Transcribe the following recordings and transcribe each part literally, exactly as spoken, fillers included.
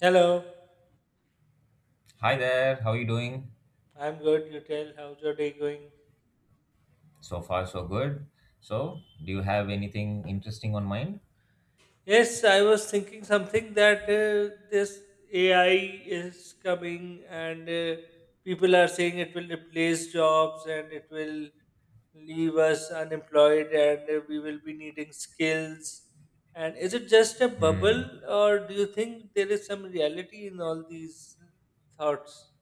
Hello, Hi there, how are you doing? I'm good. You tell, how's your day going? So far, so good. So, do you have anything interesting on mind? Yes, I was thinking something that uh, this A I is coming and uh, people are saying it will replace jobs and it will leave us unemployed and uh, we will be needing skills. And is it just a bubble Hmm. or do you think there is some reality in all these thoughts?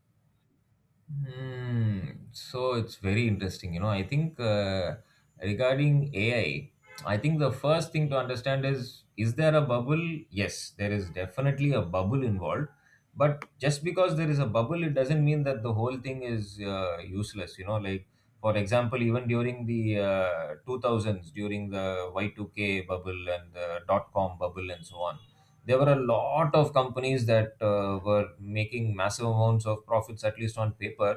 Hmm. So it's very interesting. You know, I think uh, regarding A I, I I think the first thing to understand is is there a bubble? Yes, there is definitely a bubble involved. But just because there is a bubble, it doesn't mean that the whole thing is uh, useless. You know, like for example, even during the uh, two thousands, during the Y two K bubble and the dot com bubble and so on, there were a lot of companies that uh, were making massive amounts of profits, at least on paper,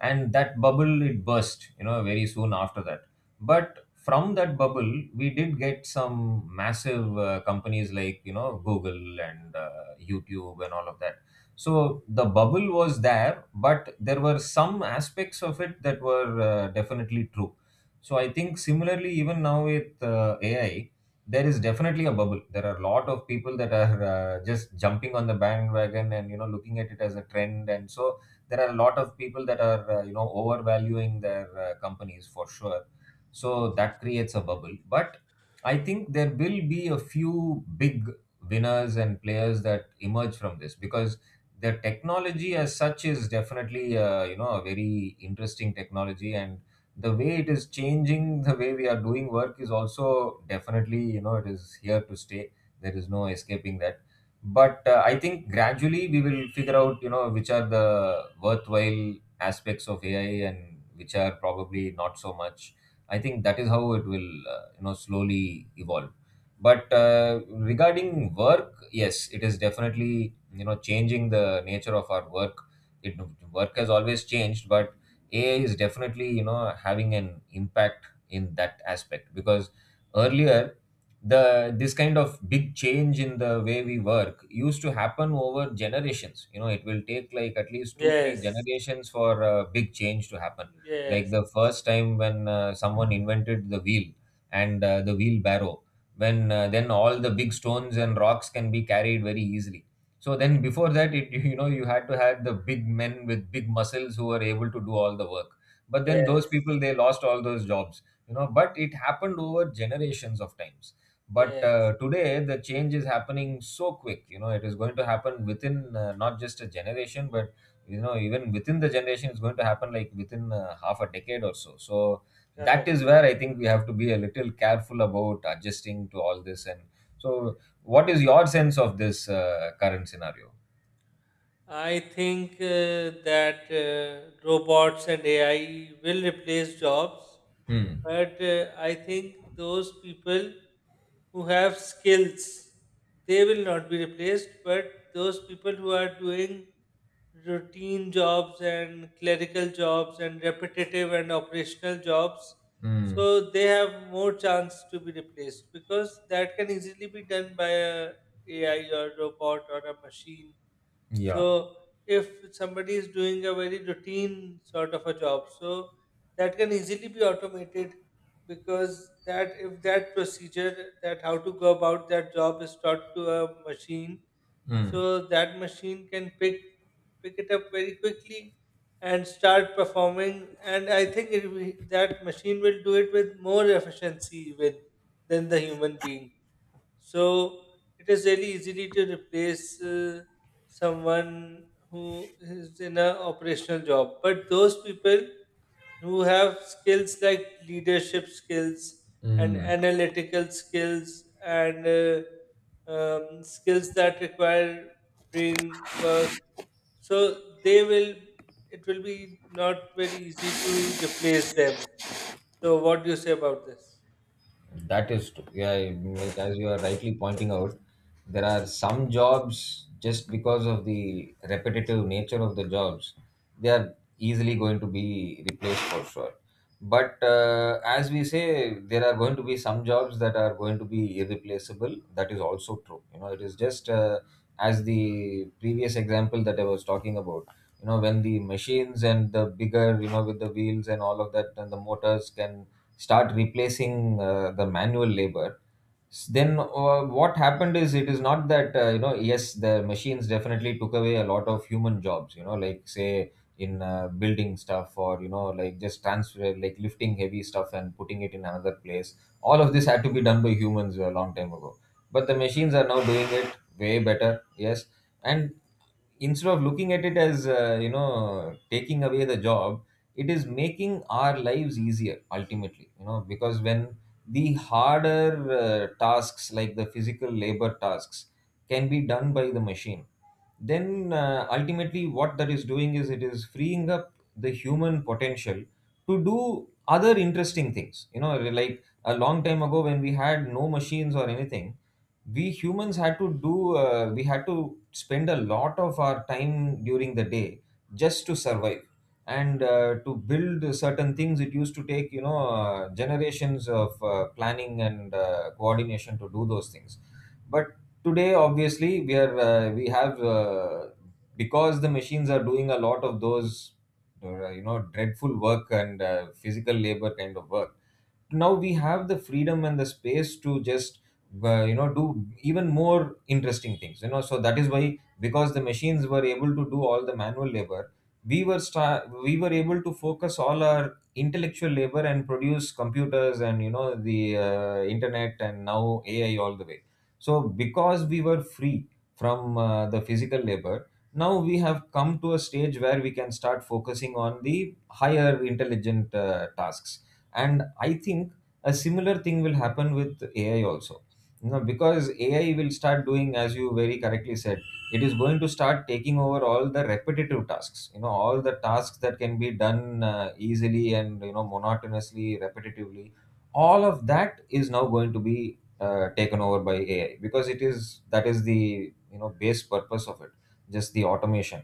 and that bubble, it burst, you know, very soon after that. But from that bubble we did get some massive uh, companies like, you know, google and uh, youtube and all of that. So the bubble was there, but there were some aspects of it that were uh, definitely true. So I think similarly, even now with uh, ai, there is definitely a bubble. There are a lot of people that are uh, just jumping on the bandwagon and, you know, looking at it as a trend. And so there are a lot of people that are, uh, you know, overvaluing their uh, companies for sure. So that creates a bubble. But I think there will be a few big winners and players that emerge from this, because the technology as such is definitely, uh, you know, a very interesting technology. And the way it is changing the way we are doing work is also definitely, you know, it is here to stay. There is no escaping that. But uh, I think gradually we will figure out, you know, which are the worthwhile aspects of ai and which are probably not so much. I think that is how it will, uh, you know, slowly evolve. But uh, regarding work, yes, it is definitely, you know, changing the nature of our work. It Work has always changed, but A I is definitely, you know, having an impact in that aspect, because earlier the this kind of big change in the way we work used to happen over generations. You know, it will take like at least two three Yes, generations for a big change to happen. Like yes, the first time when uh, someone invented the wheel, and uh, the wheelbarrow, when uh, then all the big stones and rocks can be carried very easily. So then before that, it you know, you had to have the big men with big muscles who were able to do all the work. But then those yes, people, they lost all those jobs, you know. But it happened over generations of times. But yes, uh, today the change is happening so quick. You know, it is going to happen within, uh, not just a generation, but you know, even within the generation, it's going to happen like within uh, half a decade or so. So that correct. is where I think we have to be a little careful about adjusting to all this. And so, what is your sense of this uh, current scenario? I think uh, that uh, robots and A I will replace jobs, Mm. but uh, I think those people who have skills they will not be replaced, but those people who are doing routine jobs and clerical jobs and repetitive and operational jobs, Mm. so they have more chance to be replaced because that can easily be done by a ai or robot or a machine. Yeah. So if somebody is doing a very routine sort of a job, so that can easily be automated because that if that procedure that how to go about that job is taught to a machine, Mm. so that machine can pick pick it up very quickly and start performing. And I think it, will- that machine will do it with more efficiency even than the human being. So it is really easily to replace uh, someone who is in an operational job. But those people who have skills like leadership skills and Mm. analytical skills and uh, um, skills that require brain work, so they will. It will be not very easy to replace them. So, what do you say about this? That is true. Yeah, I mean, like as you are rightly pointing out, there are some jobs, just because of the repetitive nature of the jobs, they are easily going to be replaced for sure. But uh, as we say, there are going to be some jobs that are going to be irreplaceable. That is also true. You know, it is just, uh, as the previous example that I was talking about. You know, when the machines and the bigger, you know, with the wheels and all of that, and the motors can start replacing, uh, the manual labor. S- then uh, what happened is, it is not that, uh, you know, yes, the machines definitely took away a lot of human jobs, you know, like say in uh, building stuff, or you know, like just transfer, like lifting heavy stuff and putting it in another place. All of this had to be done by humans a long time ago, but the machines are now doing it way better, yes. And instead of looking at it as, uh, you know, taking away the job, it is making our lives easier ultimately, you know, because when the harder uh, tasks, like the physical labor tasks, can be done by the machine, then uh, ultimately what that is doing is, it is freeing up the human potential to do other interesting things. You know, like a long time ago when we had no machines or anything, we humans had to do uh, we had to spend a lot of our time during the day just to survive. And uh, to build certain things, it used to take, you know, uh, generations of uh, planning and uh, coordination to do those things. But today, obviously, we are uh, we have, uh, because the machines are doing a lot of those, uh, you know, dreadful work, and uh, physical labor kind of work, now we have the freedom and the space to just, uh, you know, do even more interesting things. You know, so that is why, because the machines were able to do all the manual labor, we were star- we were able to focus all our intellectual labor and produce computers and, you know, the uh, internet and now ai, all the way. So because we were free from, uh, the physical labor, now we have come to a stage where we can start focusing on the higher intelligent uh, tasks. And I think a similar thing will happen with ai also. You know, because ai will start doing, as you very correctly said, it is going to start taking over all the repetitive tasks. You know, all the tasks that can be done uh, easily and, you know, monotonously, repetitively, all of that is now going to be, uh, taken over by ai, because it is that is the, you know, base purpose of it, just the automation.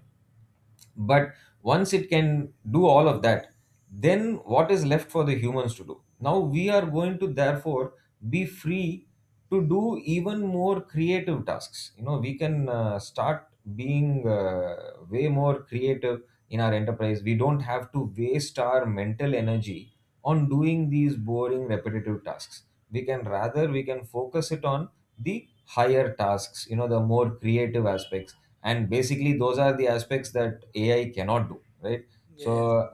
But once it can do all of that, then what is left for the humans to do? Now we are going to therefore be free to do even more creative tasks. You know, we can uh, start being, uh, way more creative in our enterprise. We don't have to waste our mental energy on doing these boring repetitive tasks. We can, rather, we can focus it on the higher tasks, you know, the more creative aspects. And basically, those are the aspects that ai cannot do, right? Yes. So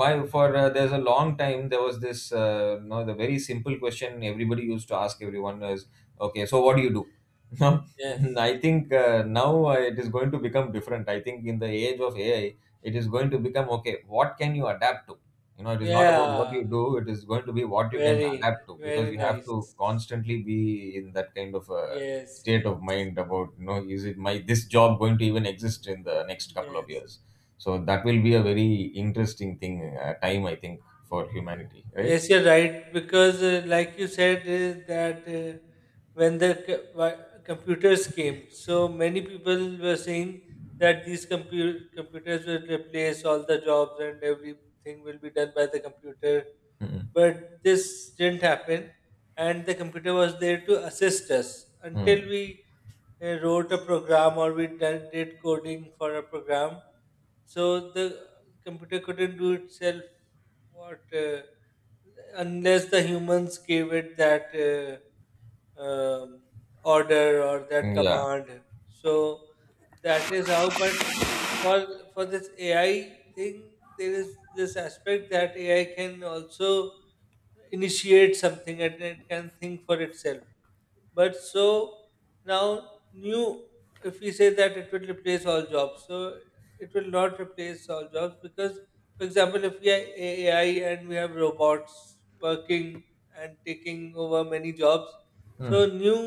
my for uh, there's a long time there was this, uh, you know, the very simple question everybody used to ask everyone is, okay, so what do you do? Now Yes. I think uh, now, uh, it is going to become different. I think in the age of ai, it is going to become, okay, what can you adapt to? You know, it is not about what Yeah. you do, it is going to be what you can adapt Very, to, because very you have nice. to constantly be in that kind of a Yes, state yes, of mind about, you know, is it my this job going to even exist in the next couple of yes. years? So that will be a very interesting thing uh, time, I think, for humanity, right? Yes, you're right. Because, uh, like you said, is that uh, when the co- wi- computers came, so many people were saying that these compu- computers will replace all the jobs and everything will be done by the computer. Mm. But this didn't happen, and the computer was there to assist us until Mm. we uh, wrote a program or we done, did coding for a program. So the computer couldn't do itself what uh, unless the humans gave it that uh, um, order or that Yeah. command. So that is how. But uh, for for this A I thing, there is this aspect that A I can also initiate something and it can think for itself, but so now new, if we say that it will replace all jobs, so it will not replace all jobs because, for example, if we have ai and we have robots working and taking over many jobs, so Mm. new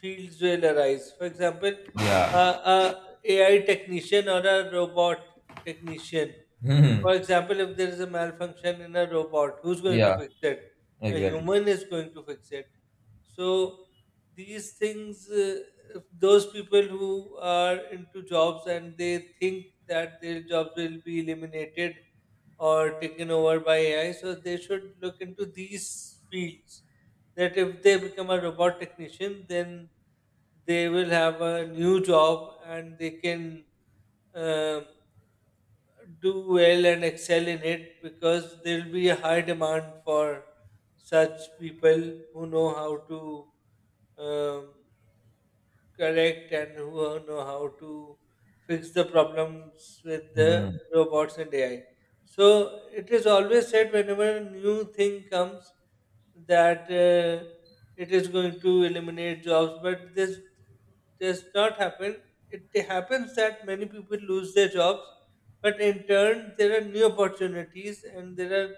fields will arise. For example, Yeah. uh, a ai technician or a robot technician. Mm. For example, if there is a malfunction in a robot, who's going to Yeah. fix it? A Exactly. human is going to fix it. So these things, uh, if those people who are into jobs and they think that their jobs will be eliminated or taken over by A I, so they should look into these fields. That if they become a robot technician, then they will have a new job and they can uh, do well and excel in it because there will be a high demand for such people who know how to um, correct and who know how to fix the problems with the Mm. robots and A I. So it is always said whenever a new thing comes that uh, it is going to eliminate jobs, but this does not happen. It happens that many people lose their jobs, but in turn there are new opportunities and there are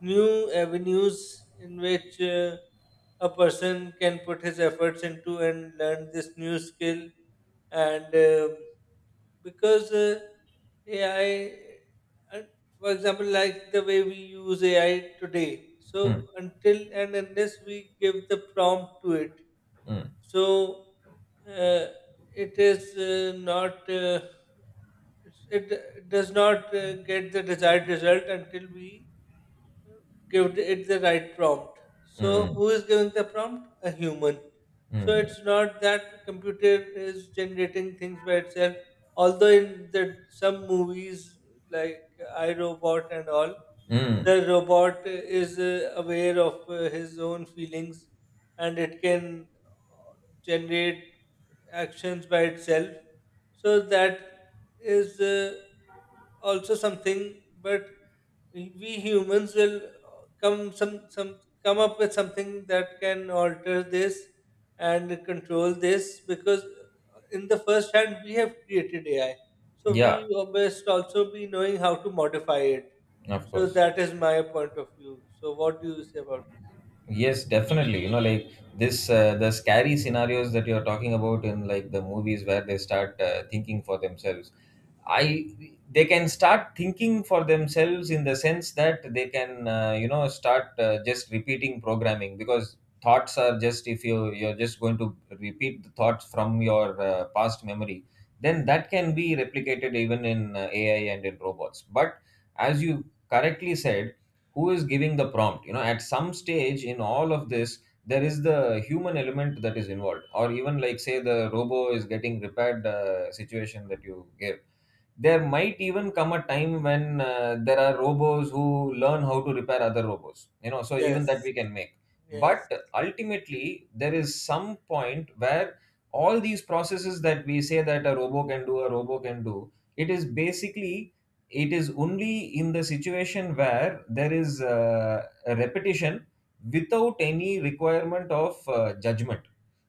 new avenues in which. Uh, a person can put his efforts into and learn this new skill and uh, because uh, A I, and for example, like the way we use A I today. So Mm. until and unless we give the prompt to it, Mm. so uh, it is uh, not uh, it, it does not uh, get the desired result until we give it the right prompt. So Mm. who is giving the prompt? A human. So Mm. it's not that computer is generating things by itself. Although in the some movies like I Robot and all, Mm. the robot is uh, aware of uh, his own feelings and it can generate actions by itself. So that is. Uh, also something, but we humans will come some some come up with something that can alter this and control this because in the first hand we have created A I, so we Yeah. must also be knowing how to modify it. Of So course. that is my point of view. So what do you say about this? Yes, definitely. You know, like this, uh, the scary scenarios that you're talking about in, like, the movies where they start uh, thinking for themselves. I They can start thinking for themselves, in the sense that they can, uh, you know, start uh, just repeating programming, because thoughts are just, if you you're just going to repeat the thoughts from your uh, past memory, then that can be replicated even in uh, A I and in robots. But as you correctly said, who is giving the prompt? You know, at some stage in all of this, there is the human element that is involved, or even like say the robo is getting repaired uh, situation that you gave. There might even come a time when uh, there are robots who learn how to repair other robots, you know, so even that Yes, we can make. yes, But ultimately, there is some point where all these processes that we say that a robo can do, a robo can do, it is basically it is only in the situation where there is uh, a repetition without any requirement of uh, judgment.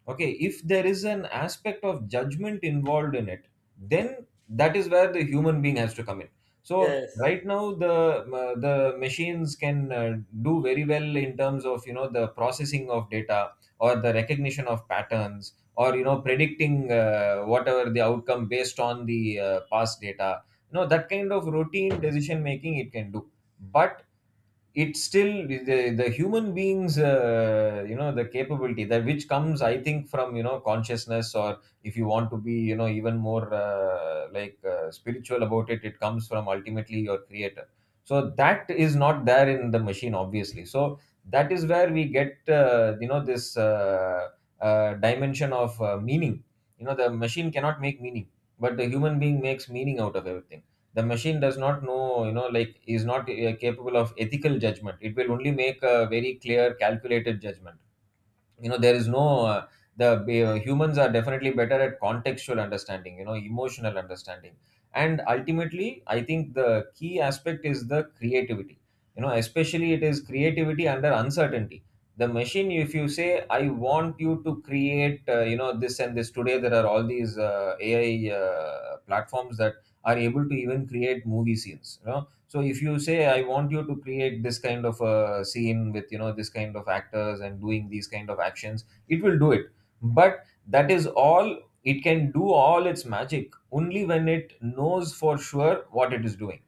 Okay, if there is an aspect of judgment involved in it, then that is where the human being has to come in. So yes, right now, the uh, the machines can uh, do very well in terms of, you know, the processing of data, or the recognition of patterns, or, you know, predicting uh, whatever the outcome based on the uh, past data. You know, that kind of routine decision making, it can do. But it's still the, the human beings, uh, you know, the capability that which comes, I think, from, you know, consciousness, or if you want to be, you know, even more uh, like uh, spiritual about it, it comes from ultimately your creator. So that is not there in the machine, obviously. So that is where we get, uh, you know, this uh, uh, dimension of uh, meaning. You know, the machine cannot make meaning, but the human being makes meaning out of everything. The machine does not know, you know, like, is not uh, capable of ethical judgment. It will only make a very clear, calculated judgment. You know, there is no uh, the uh, humans are definitely better at contextual understanding, you know, emotional understanding. And ultimately, I think the key aspect is the creativity. You know, especially, it is creativity under uncertainty. The machine, if you say I want you to create, uh, you know, this and this, today there are all these uh, AI uh, platforms that are able to even create movie scenes, you know. So if you say I want you to create this kind of a scene with, you know, this kind of actors and doing these kind of actions, it will do it. But that is all. It can do all its magic only when it knows for sure what it is doing,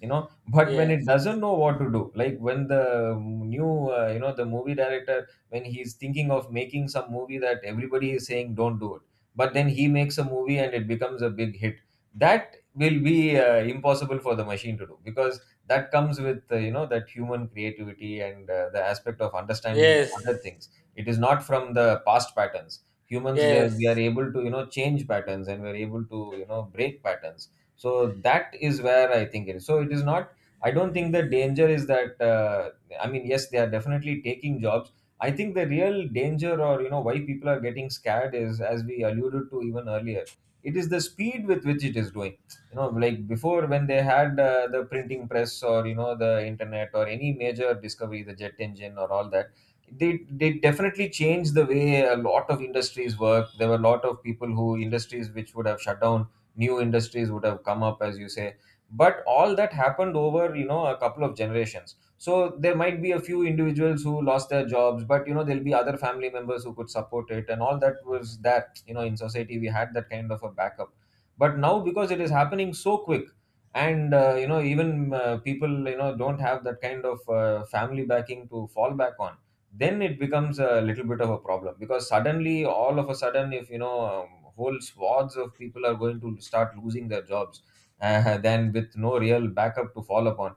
you know. But when it yes, doesn't know what to do, like when the new uh, you know, the movie director, when he's thinking of making some movie that everybody is saying don't do it, but then he makes a movie and it becomes a big hit, that will be uh, impossible for the machine to do, because that comes with, uh, you know, that human creativity and uh, the aspect of understanding other yes, things. It is not from the past patterns. Humans, they are, we are yes, able to, you know, change patterns, and we are able to, you know, break patterns. So yes, that is where I think it is. So it is not, I don't think the danger is that, uh, I mean, yes, they are definitely taking jobs. I think the real danger, or, you know, why people are getting scared is, as we alluded to even earlier, it is the speed with which it is doing. You know, like before, when they had uh, the printing press, or, you know, the internet, or any major discovery, the jet engine, or all that, they they definitely changed the way a lot of industries work. There were a lot of people who industries which would have shut down. New industries would have come up, as you say. But all that happened over, you know, a couple of generations. So there might be a few individuals who lost their jobs, but, you know, there'll be other family members who could support it, and all that was that, you know, in society we had that kind of a backup. But now, because it is happening so quick, and, uh, you know, even uh, people, you know, don't have that kind of uh, family backing to fall back on, then it becomes a little bit of a problem, because suddenly, all of a sudden, if, you know, um, whole swaths of people are going to start losing their jobs, uh, then with no real backup to fall upon,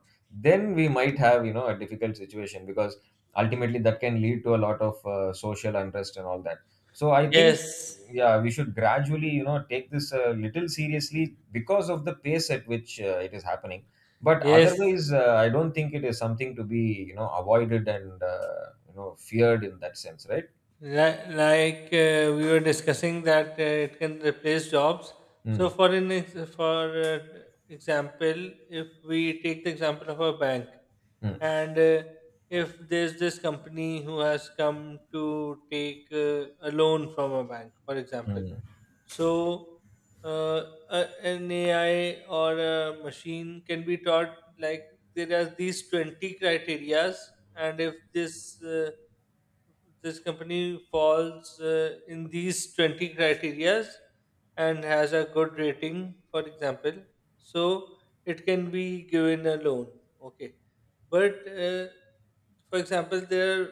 then we might have, you know, a difficult situation, because ultimately that can lead to a lot of uh, social unrest and all that. So I think, yes, yeah, we should gradually, you know, take this a little seriously because of the pace at which uh, it is happening. But yes. otherwise, uh, I don't think it is something to be, you know, avoided and, uh, you know, feared in that sense, right? Li- Like uh, we were discussing that uh, it can replace jobs. So, Mm, for an ex- for uh, example, if we take the example of a bank, mm, and uh, if there's this company who has come to take uh, a loan from a bank, for example, mm, so, uh, a- an A I or a machine can be taught like there are these twenty criterias, and if this uh, this company falls uh, in these twenty criterias and has a good rating, for example, so it can be given a loan. Okay. But uh, for example, there are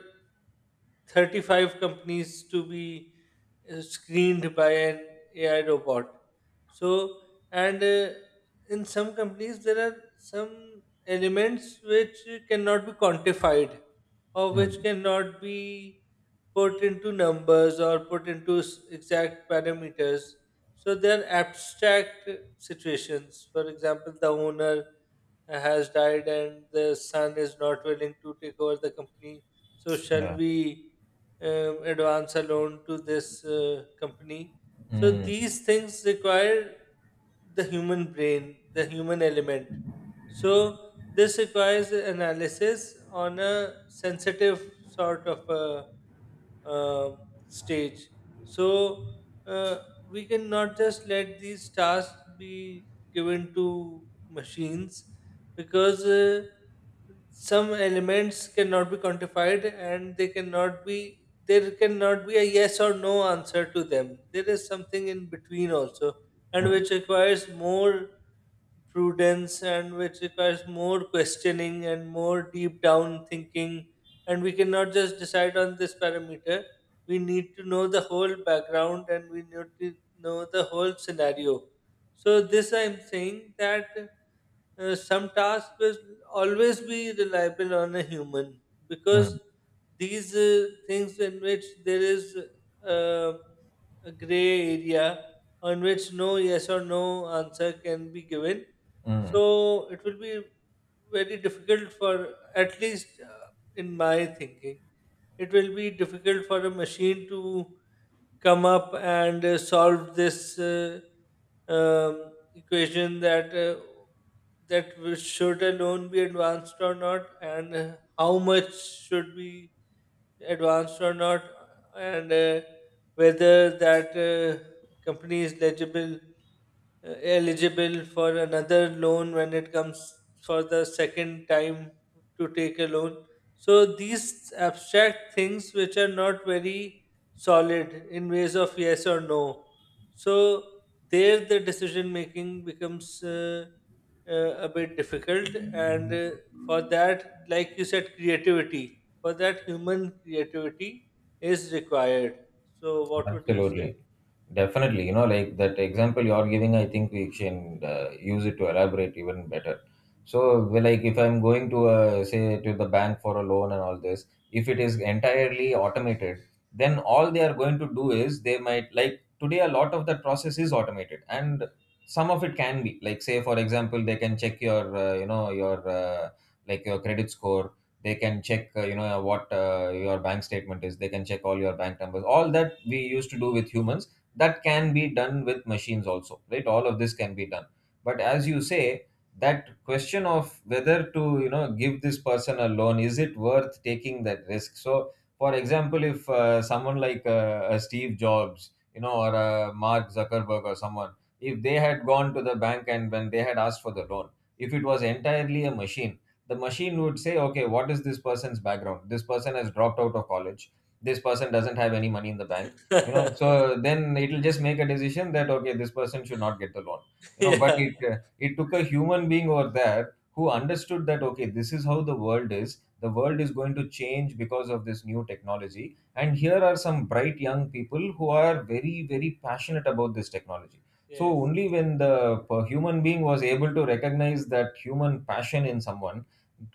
thirty-five companies to be uh, screened by an A I robot. So, and uh, in some companies, there are some elements which cannot be quantified or which mm, cannot be put into numbers or put into s- exact parameters. So, they are abstract situations. For example, the owner has died and the son is not willing to take over the company. So, shall yeah, we um, advance a loan to this uh, company? So, mm, these things require the human brain, the human element. So, this requires analysis on a sensitive sort of a uh, stage. So uh, we cannot just let these tasks be given to machines because uh, some elements cannot be quantified and they cannot be, there cannot be a yes or no answer to them. There is something in between also, and mm, which requires more prudence and which requires more questioning and more deep down thinking, and we cannot just decide on this parameter. We need to know the whole background and we need to know the whole scenario. So, this I'm saying that uh, some tasks will always be reliable on a human because mm, these uh, things in which there is uh, a gray area on which no yes or no answer can be given. mm. So it will be very difficult for at least uh, in my thinking, it will be difficult for a machine to come up and uh, solve this uh, um, equation that uh, that we- should a loan be advanced or not, and uh, how much should be advanced or not, and uh, whether that uh, company is legible uh, eligible for another loan when it comes for the second time to take a loan. So these abstract things which are not very solid in ways of yes or no. So there the decision making becomes uh, uh, a bit difficult and uh, for that like you said creativity, for that human creativity is required. So what would you say? Absolutely. Definitely. You know, like that example you are giving, I think we can uh, use it to elaborate even better. So, well, like if I'm going to, uh, say, to the bank for a loan and all this, if it is entirely automated, then all they are going to do is they might, like today, a lot of that process is automated, and some of it can be. Like, say, for example, they can check your, uh, you know, your, uh, like your credit score. They can check, uh, you know, uh, what uh, your bank statement is. They can check all your bank numbers. All that we used to do with humans, that can be done with machines also, right? All of this can be done. But as you say, that question of whether to, you know, give this person a loan, is it worth taking that risk? So for example, if uh, someone like uh, a Steve Jobs, you know, or a Mark Zuckerberg, or someone, if they had gone to the bank and when they had asked for the loan, if it was entirely a machine, the machine would say, okay, what is this person's background? This person has dropped out of college. This person doesn't have any money in the bank. You know, so then it'll just make a decision that, okay, this person should not get the loan. You know, but Yeah. it uh, it took a human being over there who understood that, okay, this is how the world is. The world is going to change because of this new technology, and here are some bright young people who are very, very passionate about this technology. So Yes. only when the per- human being was able to recognize that human passion in someone,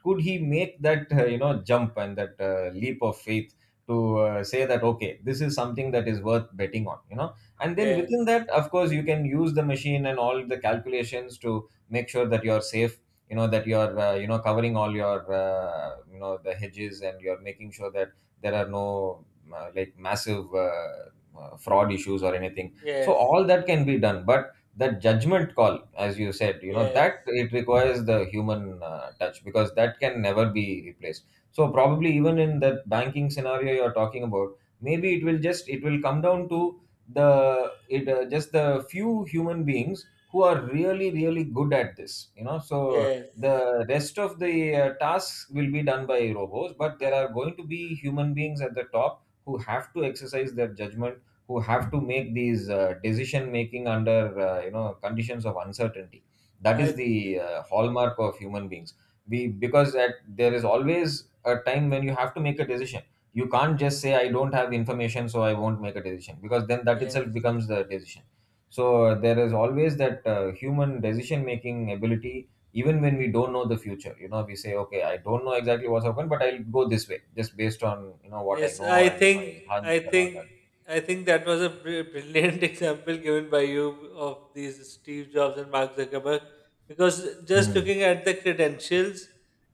could he make that, uh, you know, jump, and that uh, leap of faith, to uh, say that, okay, this is something that is worth betting on, you know. And then within Yes, that, of course, you can use the machine and all the calculations to make sure that you're safe, you know, that you're, uh, you know, covering all your, uh, you know, the hedges, and you're making sure that there are no uh, like massive uh, uh, fraud issues or anything. So yes, all that can be done. But that judgment call, as you said, you know, yes, that it requires the human uh, touch, because that can never be replaced. So probably even in that banking scenario you're talking about, maybe it will just, it will come down to the it uh, just the few human beings who are really, really good at this, you know. So yes. the rest of the uh, tasks will be done by robots, but I, there are going to be human beings at the top who have to exercise their judgment, who have to make these, uh, decision making under, uh, you know, conditions of uncertainty. That I is the uh, hallmark of human beings. We, because at, there is always a time when you have to make a decision. You can't just say I don't have information so I won't make a decision, because then that itself yes, becomes the decision. So, uh, there is always that uh, human decision making ability, even when we don't know the future. You know, we say, okay, I don't know exactly what's happened, but I'll go this way just based on, you know, what I yes. know I and my think, hunch I and all think, that. I think that was a br- brilliant example given by you of these Steve Jobs and Mark Zuckerberg, because just Hmm. looking at the credentials,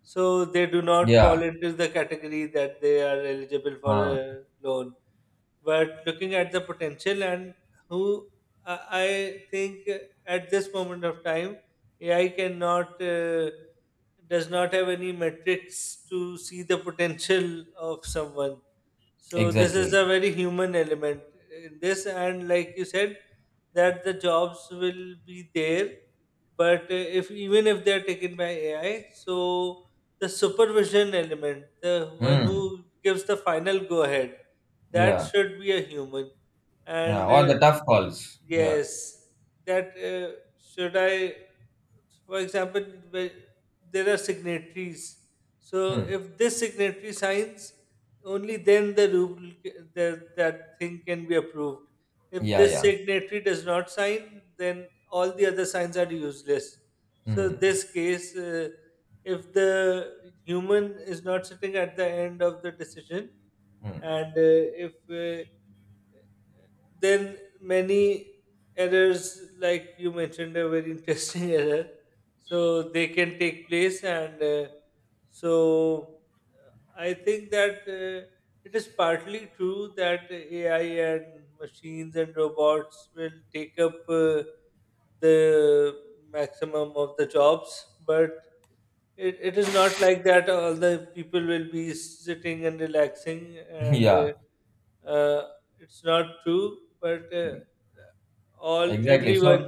so they do not fall Yeah, into the category that they are eligible for uh, a loan. But looking at the potential and who, I I think at this moment of time, A I cannot uh, does not have any metrics to see the potential of someone. So this is a exactly. very human element in this, and like you said, that the jobs will be there, but uh, if even if they are taken by A I, so the supervision element, the one Mm, who gives the final go ahead, that yeah, should be a human, yeah, and or uh, the tough calls. Yeah, yes, that uh, should I, for example, where there are signatories. So hmm. if this signatory signs, only then the rule c- the, that thing can be approved. If Yeah, this yeah, signatory does not sign, then all the other signs are useless. So hmm. this case, uh, if the human is not sitting at the end of the decision, Hmm. and uh, if uh, then many errors, like you mentioned a very interesting error, so they can take place and uh, so uh, I think that uh, it is partly true that ai and machines and robots will take up uh, the maximum of the jobs, but it, it is not like that all the people will be sitting and relaxing and Yeah, uh, uh, it's not true, but uh, all exactly. So everyone.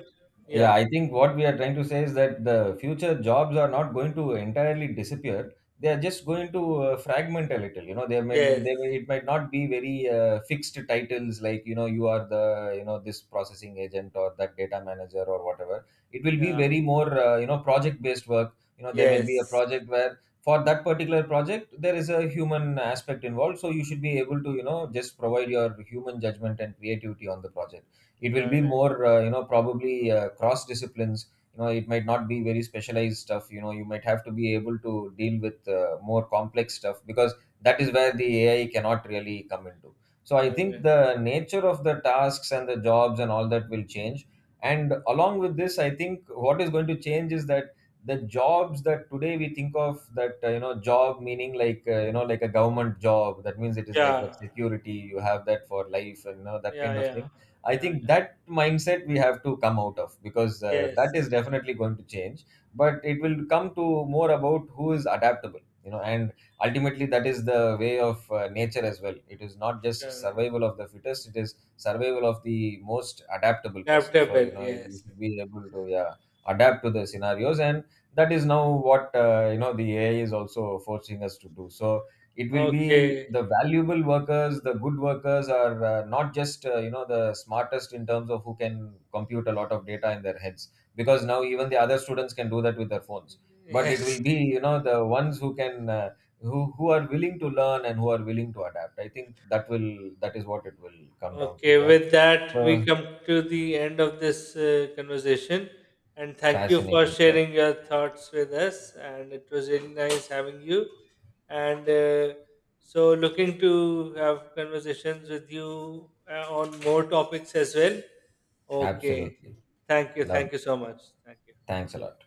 yeah, Yeah. I think what we are trying to say is that the future jobs are not going to entirely disappear. They are just going to uh, fragment a little. You know, they may they may, Yes. it might not be very uh, fixed titles, like, you know, you are the, you know, this processing agent or that data manager or whatever. It will be Yeah. very more, uh, you know, project based work. You know, there may be a Yes. project where for that particular project there is a human aspect involved, so you should be able to, you know, just provide your human judgment and creativity on the project. It will be Correct. more, uh, you know, probably uh, cross disciplines. You know, it might not be very specialized stuff. You know, you might have to be able to deal with uh, more complex stuff, because that is where the AI cannot really come into. So I think Correct. the nature of the tasks and the jobs and all that will change. And along with this, I think what is going to change is that the jobs that today we think of, that, uh, you know, job meaning like, uh, you know, like a government job, that means it is like that Yeah. security you have, that for life, and, you know, that Yeah. kind of Yeah. thing. I Yeah. think Yeah. that mindset we have to come out of, because uh, that Yes. is definitely going to change. But it will come to more about who is adaptable, you know, and ultimately that is the way of, uh, nature as well. It is not just Correct. survival of the fittest; it is survival of the most adaptable person. So you Adaptable. know, you Yes. should be able to, yeah, adapt to the scenarios, and that is now what, uh, you know, the A I is also forcing us to do. So it will be Okay. the valuable workers, the good workers are, uh, not just, uh, you know, the smartest in terms of who can compute a lot of data in their heads, because now even the other students can do that with their phones. But it Yes. will be, you know, the ones who can, uh, who who are willing to learn and who are willing to adapt. I think that will, that is what it will come down to, Okay, yeah. with So that, we come to the end of this uh, conversation. And thank you for fascinating stuff. sharing your thoughts with us. And it was really nice having you. And uh, so, looking to have conversations with you uh, on more topics as well. Okay. Absolutely. Thank you. Love Thank it. you so much. Thank you. Thanks a lot.